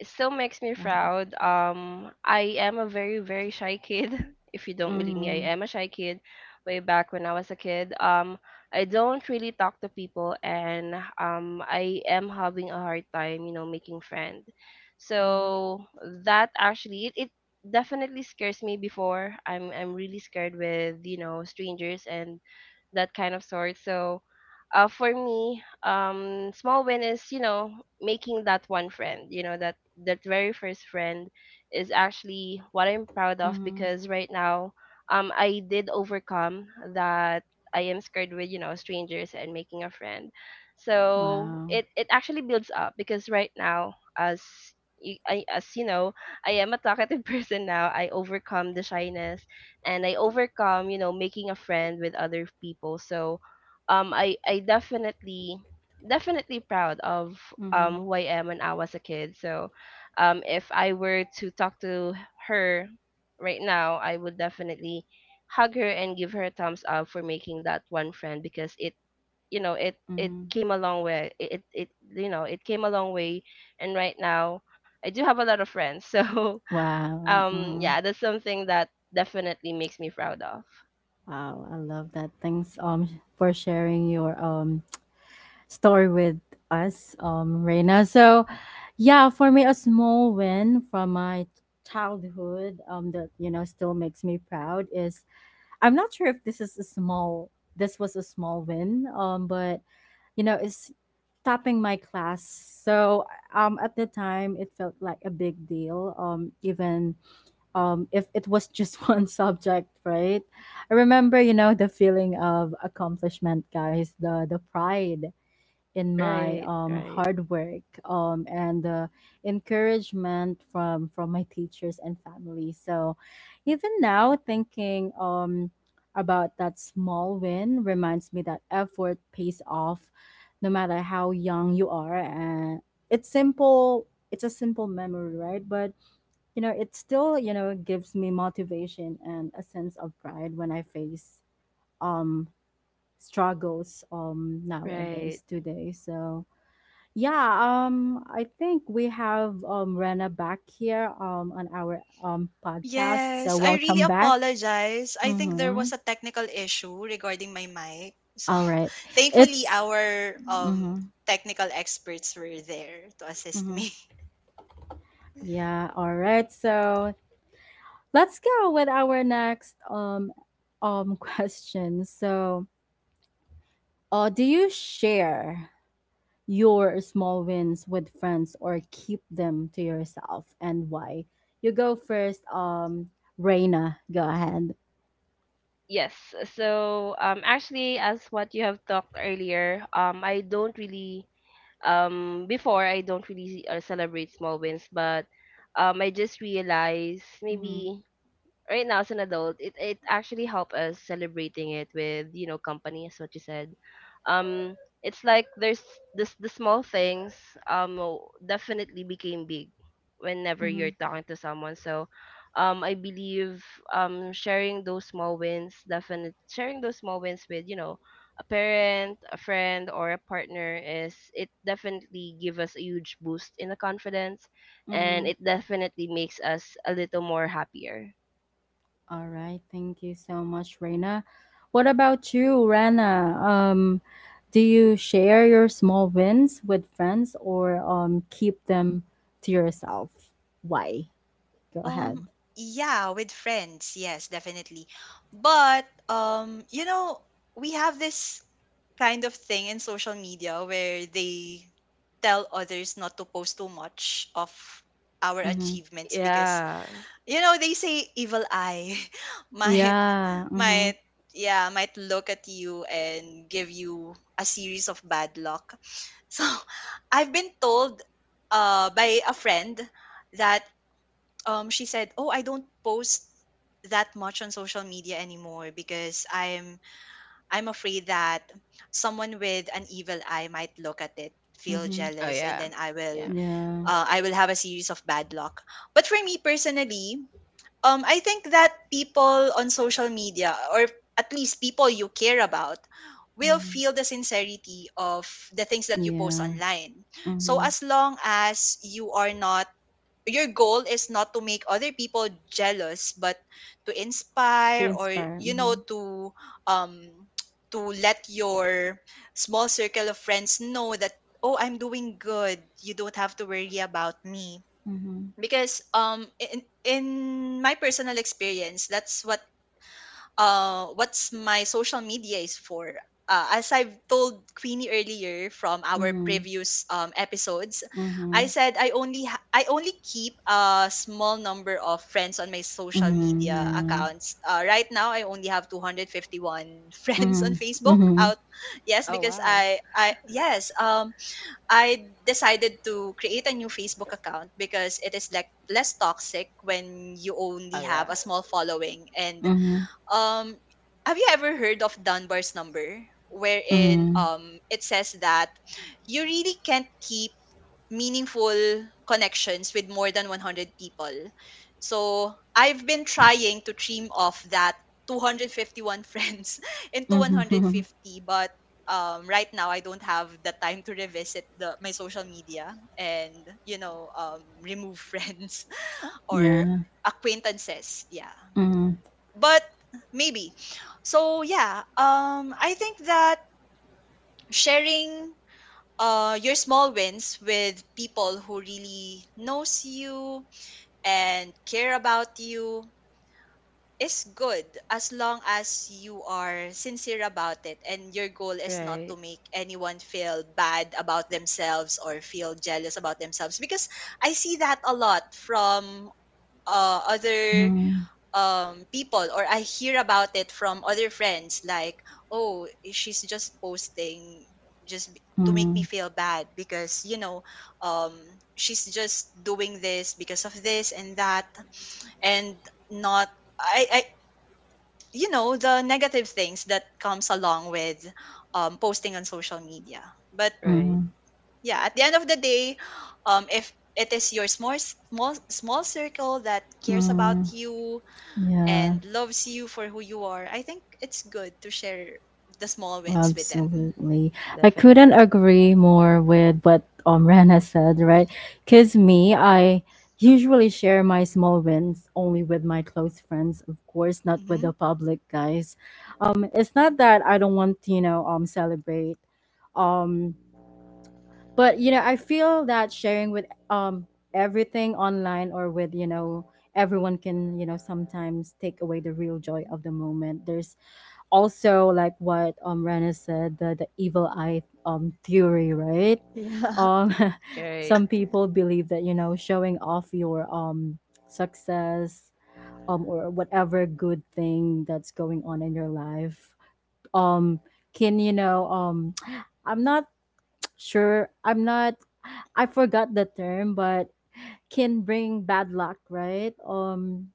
it still makes me
Go ahead.
proud. Um, I am a very, very shy kid. If you don't believe me,
Mm-hmm.
I am a shy kid way back when I was a kid. Um, I don't really talk to people and um, I am having a hard time, you know, making friends.
Mm-hmm.
So that actually it, it definitely scares me before. I'm I'm really scared with, you know, strangers and that kind of sort. So uh, for me, um, small win is you know making that one friend. You know that that very first friend is actually what I'm proud of
Mm-hmm.
because right now, um, I did overcome that I am scared with you know strangers and making a friend. So
Wow.
it it actually builds up because right now as y- I, as you know, I am a talkative person now. I overcome the shyness and I overcome, you know, making a friend with other people. So um I I definitely definitely proud of
Mm-hmm.
um who I am when I was a kid. So um if I were to talk to her right now, I would definitely hug her and give her a thumbs up for making that one friend because it you know it it
Mm-hmm.
came a long way it it it, you know it came a long way and right now I do have a lot of friends so
Wow.
um
Mm-hmm.
yeah, that's something that definitely makes me proud of.
Wow, I love that. Thanks um for sharing your um story with us, um Reina. So, yeah, for me a small win from my childhood um that you know still makes me proud is, I'm not sure if this is a small, this was a small win um but you know it's topping my class. So, um at the time it felt like a big deal um even um, if it was just one subject, right? I remember, you know, the feeling of accomplishment, guys, the the pride in my
Right.
um,
Right.
hard work um, and the encouragement from from my teachers and family. So, even now, thinking um, about that small win reminds me that effort pays off, no matter how young you are, and it's simple. It's a simple memory, right? But you know it still you know gives me motivation and a sense of pride when I face um struggles um
Right.
nowadays today. So yeah, um I think we have um Rena back here um on our um podcast. So welcome back. Mm-hmm. All right. It's mm-hmm, mm-hmm. Yeah, all right. So let's go with our next um um question. So uh, do you share your small wins with friends or keep them to yourself, and why? You go first, um, Reina. Go ahead.
Yes. So um actually, as what you have talked earlier, um I don't really um before I don't really uh, celebrate small wins, but um I just realized
Mm-hmm,
maybe right now as an adult it, it actually helped us celebrating it with you know company, as what you said. um it's like there's this the small things um w- definitely became big whenever
mm-hmm,
you're talking to someone. So um i believe um sharing those small wins, definitely sharing those small wins with you know a parent, a friend, or a partner, is it definitely give us a huge boost in the confidence, and
mm-hmm.
it definitely makes us a little more happier.
All right. Thank you so much, Reina. What about you, Rana? Um, do you share your small wins with friends or um, keep them to yourself? Why? Go ahead. Mm-hmm.
Yeah.
Yeah. Mm-hmm. Mm-hmm.
Oh yeah. Yeah.
Yeah. Mm-hmm. Yeah. Mm-hmm. To inspire, mhm, mhm, mhm, mhm, mhm, yeah, mhm, mhm,
Oh wow. Oh yeah.
mhm, mhm, mhm, yeah, mhm,
Right.
mhm, mhm,
Right.
mhm, mhm, yeah. Absolutely. I couldn't
Definitely.
agree more with what um Rana said, right? Cause me, I usually share my small wins only with my close friends, of course, not with the public, guys. Um, it's not that I don't want to, you know, um, celebrate. Um, but you know, I feel that sharing with um everything online or with, you know, everyone can, you know, sometimes take away the real joy of the moment. There's also, like what um Rana said, the, the evil eye um theory, right? Um,
Right.
some people believe that, you know, showing off your um success um or whatever good thing that's going on in your life um can, you know, um, I'm not sure, I'm not, I forgot the term, but can bring bad luck, right? Um,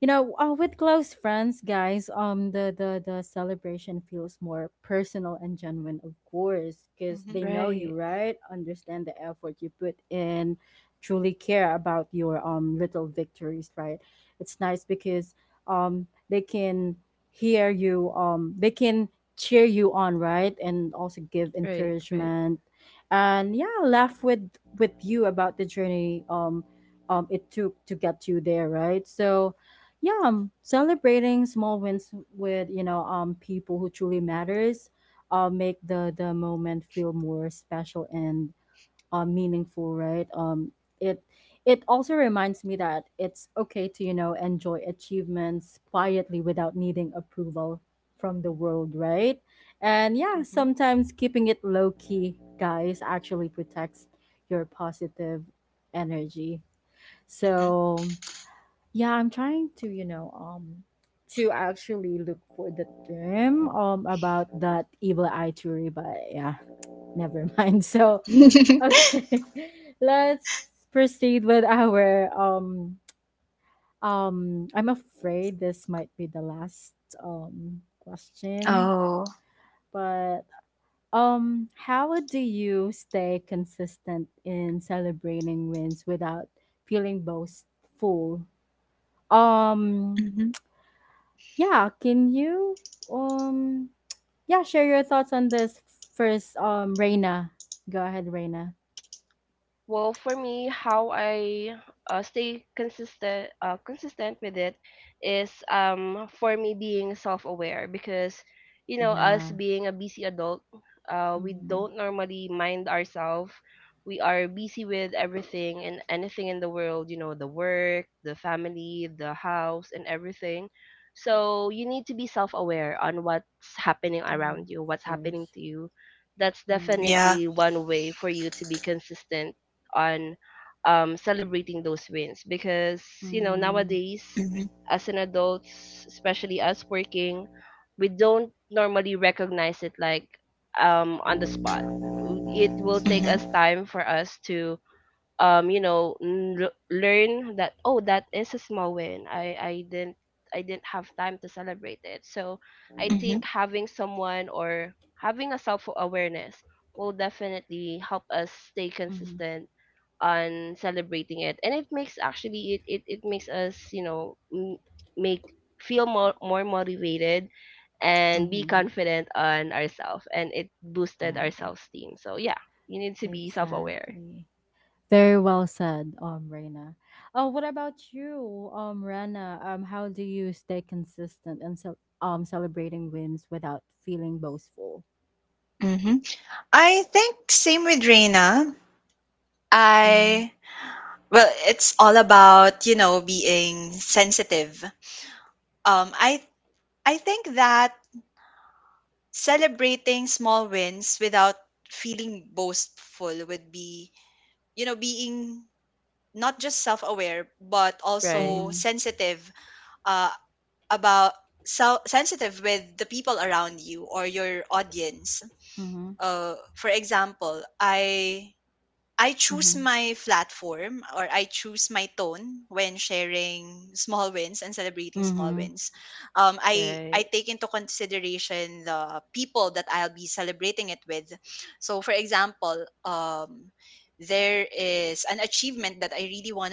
you know uh, with close friends guys um the the the celebration feels more personal and genuine, of course, because they know
Right.
you, right? Understand the effort you put in, truly care about your um little victories, right? It's nice because um they can hear you, um they can cheer you on, right? And also give
Right. Right.
encouragement and yeah, laugh with with you about the journey um um it took to get you there, right? So yeah, um, celebrating small wins with you know um people who truly matters uh make the the moment feel more special and uh, meaningful, right? um it it also reminds me that it's okay to, you know, enjoy achievements quietly without needing approval from the world, right? And yeah, sometimes keeping it low key guys actually protects your positive energy. So yeah, I'm trying to, you know, um, to actually look for the term um about that evil eye theory, but yeah, never mind. So okay, let's proceed with our um um. I'm afraid this might be the last um question, but um, how do you stay consistent in celebrating wins without feeling boastful? Um, Yeah, can you um yeah, share your thoughts on this first, um Reina. Go ahead, Reina.
Well, for me, how I uh, stay consistent uh, consistent with it is um for me being self-aware because you know us
Yeah.
being a busy adult, uh, we
Mm,
don't normally mind ourselves. We are busy with everything and anything in the world, you know, the work, the family, the house, and everything. So you need to be self-aware on what's happening
mm,
around you,
of
what's happening
course.
to you. That's
Mm,
definitely one way for you to be consistent on um, celebrating those wins because you know
mm,
nowadays as an adults, especially us working, we don't normally recognize it like um, on the spot. It will take
mm,
us time for us to um you know n- l- learn that, oh, that is a small win. i i didn't I didn't have time to celebrate it. So I think having someone or having a self awareness will definitely help us stay
mm,
consistent on celebrating it, and it makes actually it it, it makes us you know m- make feel more more motivated and be
mm.
confident on ourselves, and it boosted
Wow.
our self-esteem. So yeah, you need to be self-aware.
Exactly. Very well said, um Reina. Oh, what about you, um Rana? Um how do you stay consistent and so um celebrating wins without feeling boastful? Mm-hmm.
Right.
Mm-hmm. Mm-hmm. Mm-hmm.
Right,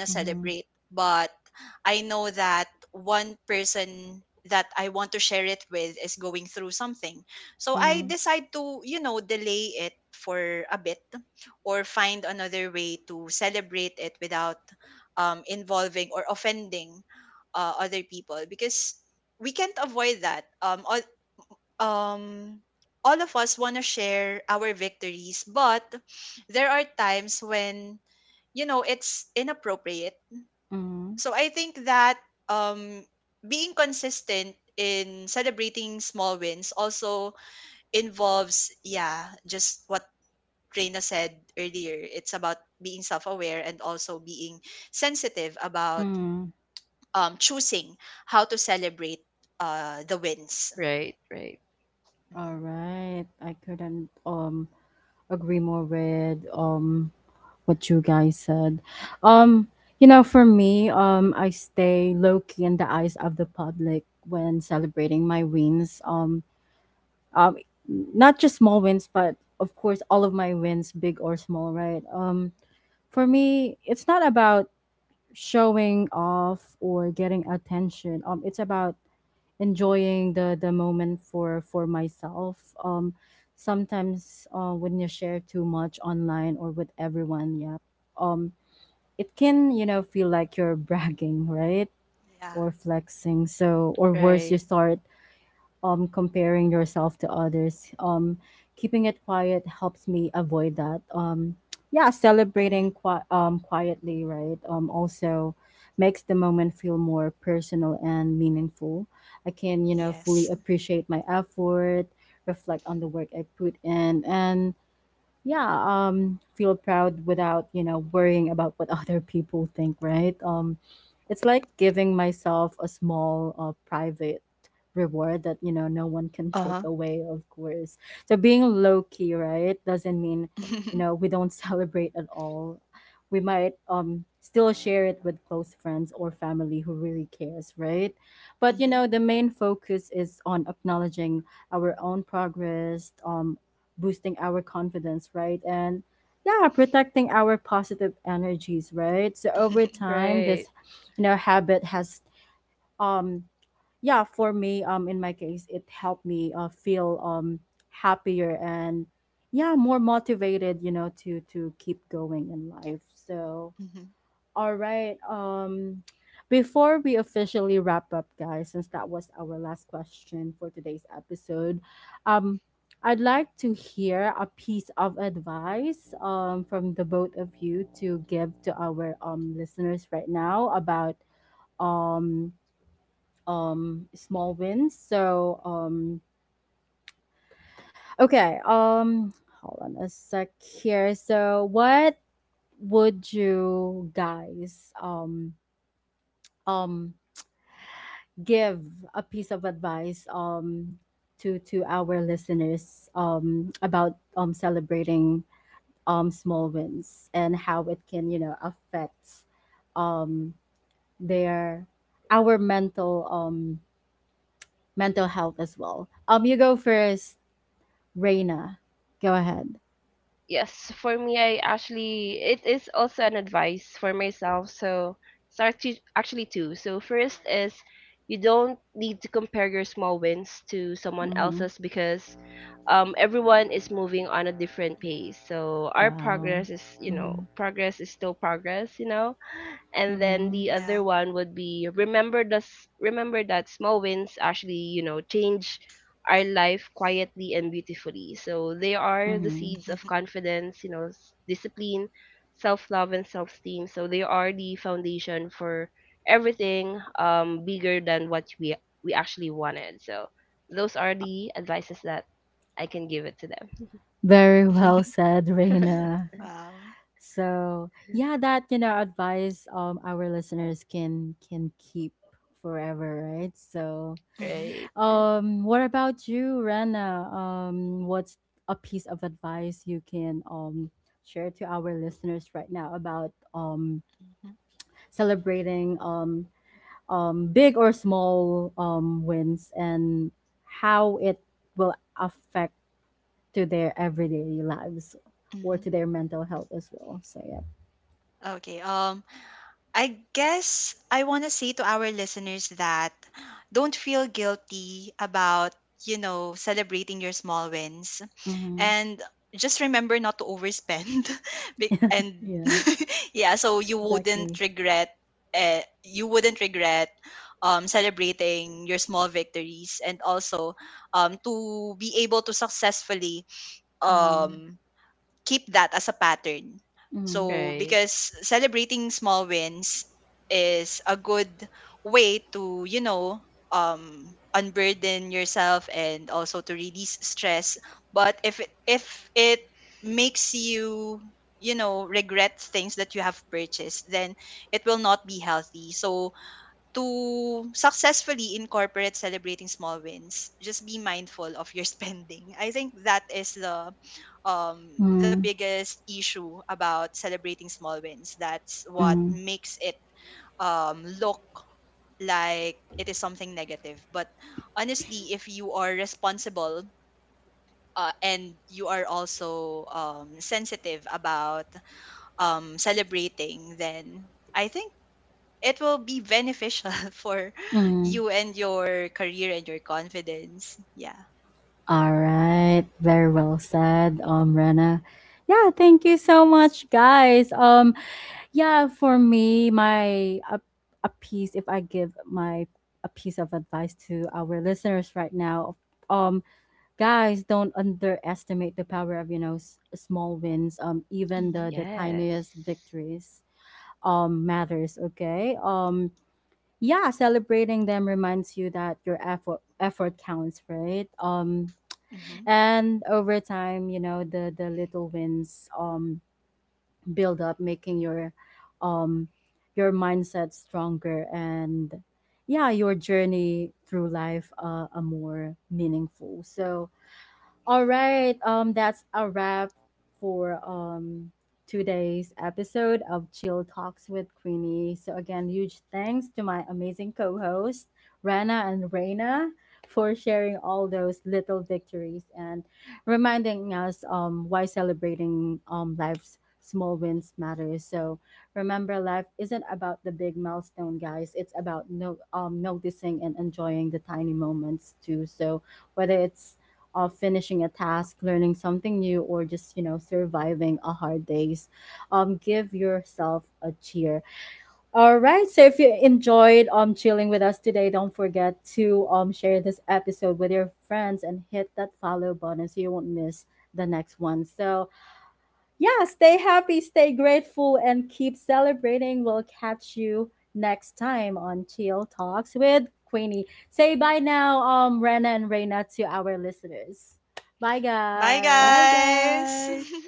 Mhm, mhm, mhm, mhm.
right, right,
Alright, I couldn't um agree more with um what you guys said. Um, you know, for me, um, I stay low key in the eyes of the public when celebrating my wins. Um, um, not just small wins, but of course all of my wins, big or small, right? Um, for me, it's not about showing off or getting attention. Um, it's about enjoying the the moment for for myself. um Sometimes uh, when you share too much online or with everyone, yeah, um it can, you know, feel like you're bragging, right? Or flexing. So or worse,
right,
you start um, comparing yourself to others. Um, keeping it quiet helps me avoid that. Um, yeah, celebrating qui- um, quietly, right? Um, also makes the moment feel more personal and meaningful. I can, you know, fully appreciate my effort, reflect on the work I put in, and yeah, um feel proud without, you know, worrying about what other people think, right? Um it's like giving myself a small uh, private reward that, you know, no one can take away, of course. So being low key, right, doesn't mean, you know, we don't celebrate at all. We might um still share it with close friends or family who really cares, right? But you know, the main focus is on acknowledging our own progress, um boosting our confidence, right? And yeah, protecting our positive energies, right? So over time, this,
right.
you know, habit has, um, yeah, for me, um, in my case, it helped me uh, feel um happier and yeah, more motivated, you know, to to keep going in life. So all right. Um, before we officially wrap up, guys, since that was our last question for today's episode, um, I'd like to hear a piece of advice, um, from the both of you, to give to our um, listeners right now about um, um, small wins. So, um, okay. Um, hold on a sec here. So, what would you guys um um give a piece of advice um to to our listeners um about um celebrating um small wins and how it can, you know, affect um their our mental um mental health as well. Um you go first, Reina. Go ahead.
Yes, for me, I actually, it is also an advice for myself. So, it's actually, actually two. So, first is you don't need to compare your small wins to someone
Mm-hmm.
else's because um, everyone is moving on a different pace. So, our
Wow.
progress is, you know,
Mm-hmm.
progress is still progress, you know? And then
Mm-hmm.
the other one would be remember this, remember that small wins actually you know change our life quietly and beautifully. So they are the
Mm-hmm.
seeds of confidence, you know, s- discipline, self love, and self esteem. So they are the foundation for everything um, bigger than what we we actually wanted. So those are the advices that I can give it to them.
Very well said, Reina. So yeah, that, you know, advice um our listeners can can keep forever, right? So
Right,
um what about you, Rana? Um what's a piece of advice you can um share to our listeners right now about um celebrating um um big or small um wins and how it will affect to their everyday lives or to their mental health as well. So yeah. Mm-hmm. Yeah, exactly. Mm, mm,
right.
mm, mm, mm. All right, very well said, um, Rena. Yeah, thank you so much, guys. Um, yeah, for me, my a, a piece, if I give my a piece of advice to our listeners right now, um, guys, don't underestimate the power of, you know, s- small wins. Um, even the the
Yes.
tiniest victories um matters. Okay, um yeah, celebrating them reminds you that your effort effort counts, right? Um and over time, you know, the the little wins um build up, making your um your mindset stronger and yeah, your journey through life uh, a more meaningful. So all right. Um, that's a wrap for um today's episode of Chill Talks with Queenie. So again, huge thanks to my amazing co-hosts Rana and Reina for sharing all those little victories and reminding us um why celebrating um life's small wins matters. So remember, life isn't about the big milestone, guys. It's about no um noticing and enjoying the tiny moments too. So whether it's of finishing a task, learning something new, or just, you know, surviving a hard days. Um, give yourself a cheer. All right. So if you enjoyed um chilling with us today, don't forget to um share this episode with your friends and hit that follow button so you won't miss the next one. So yeah, stay happy, stay grateful, and keep celebrating. We'll catch you next time on Chill Talks with Queenie. Say bye now, um, Rena and Reina, to our listeners. Bye,
Bye,
guys.
guys.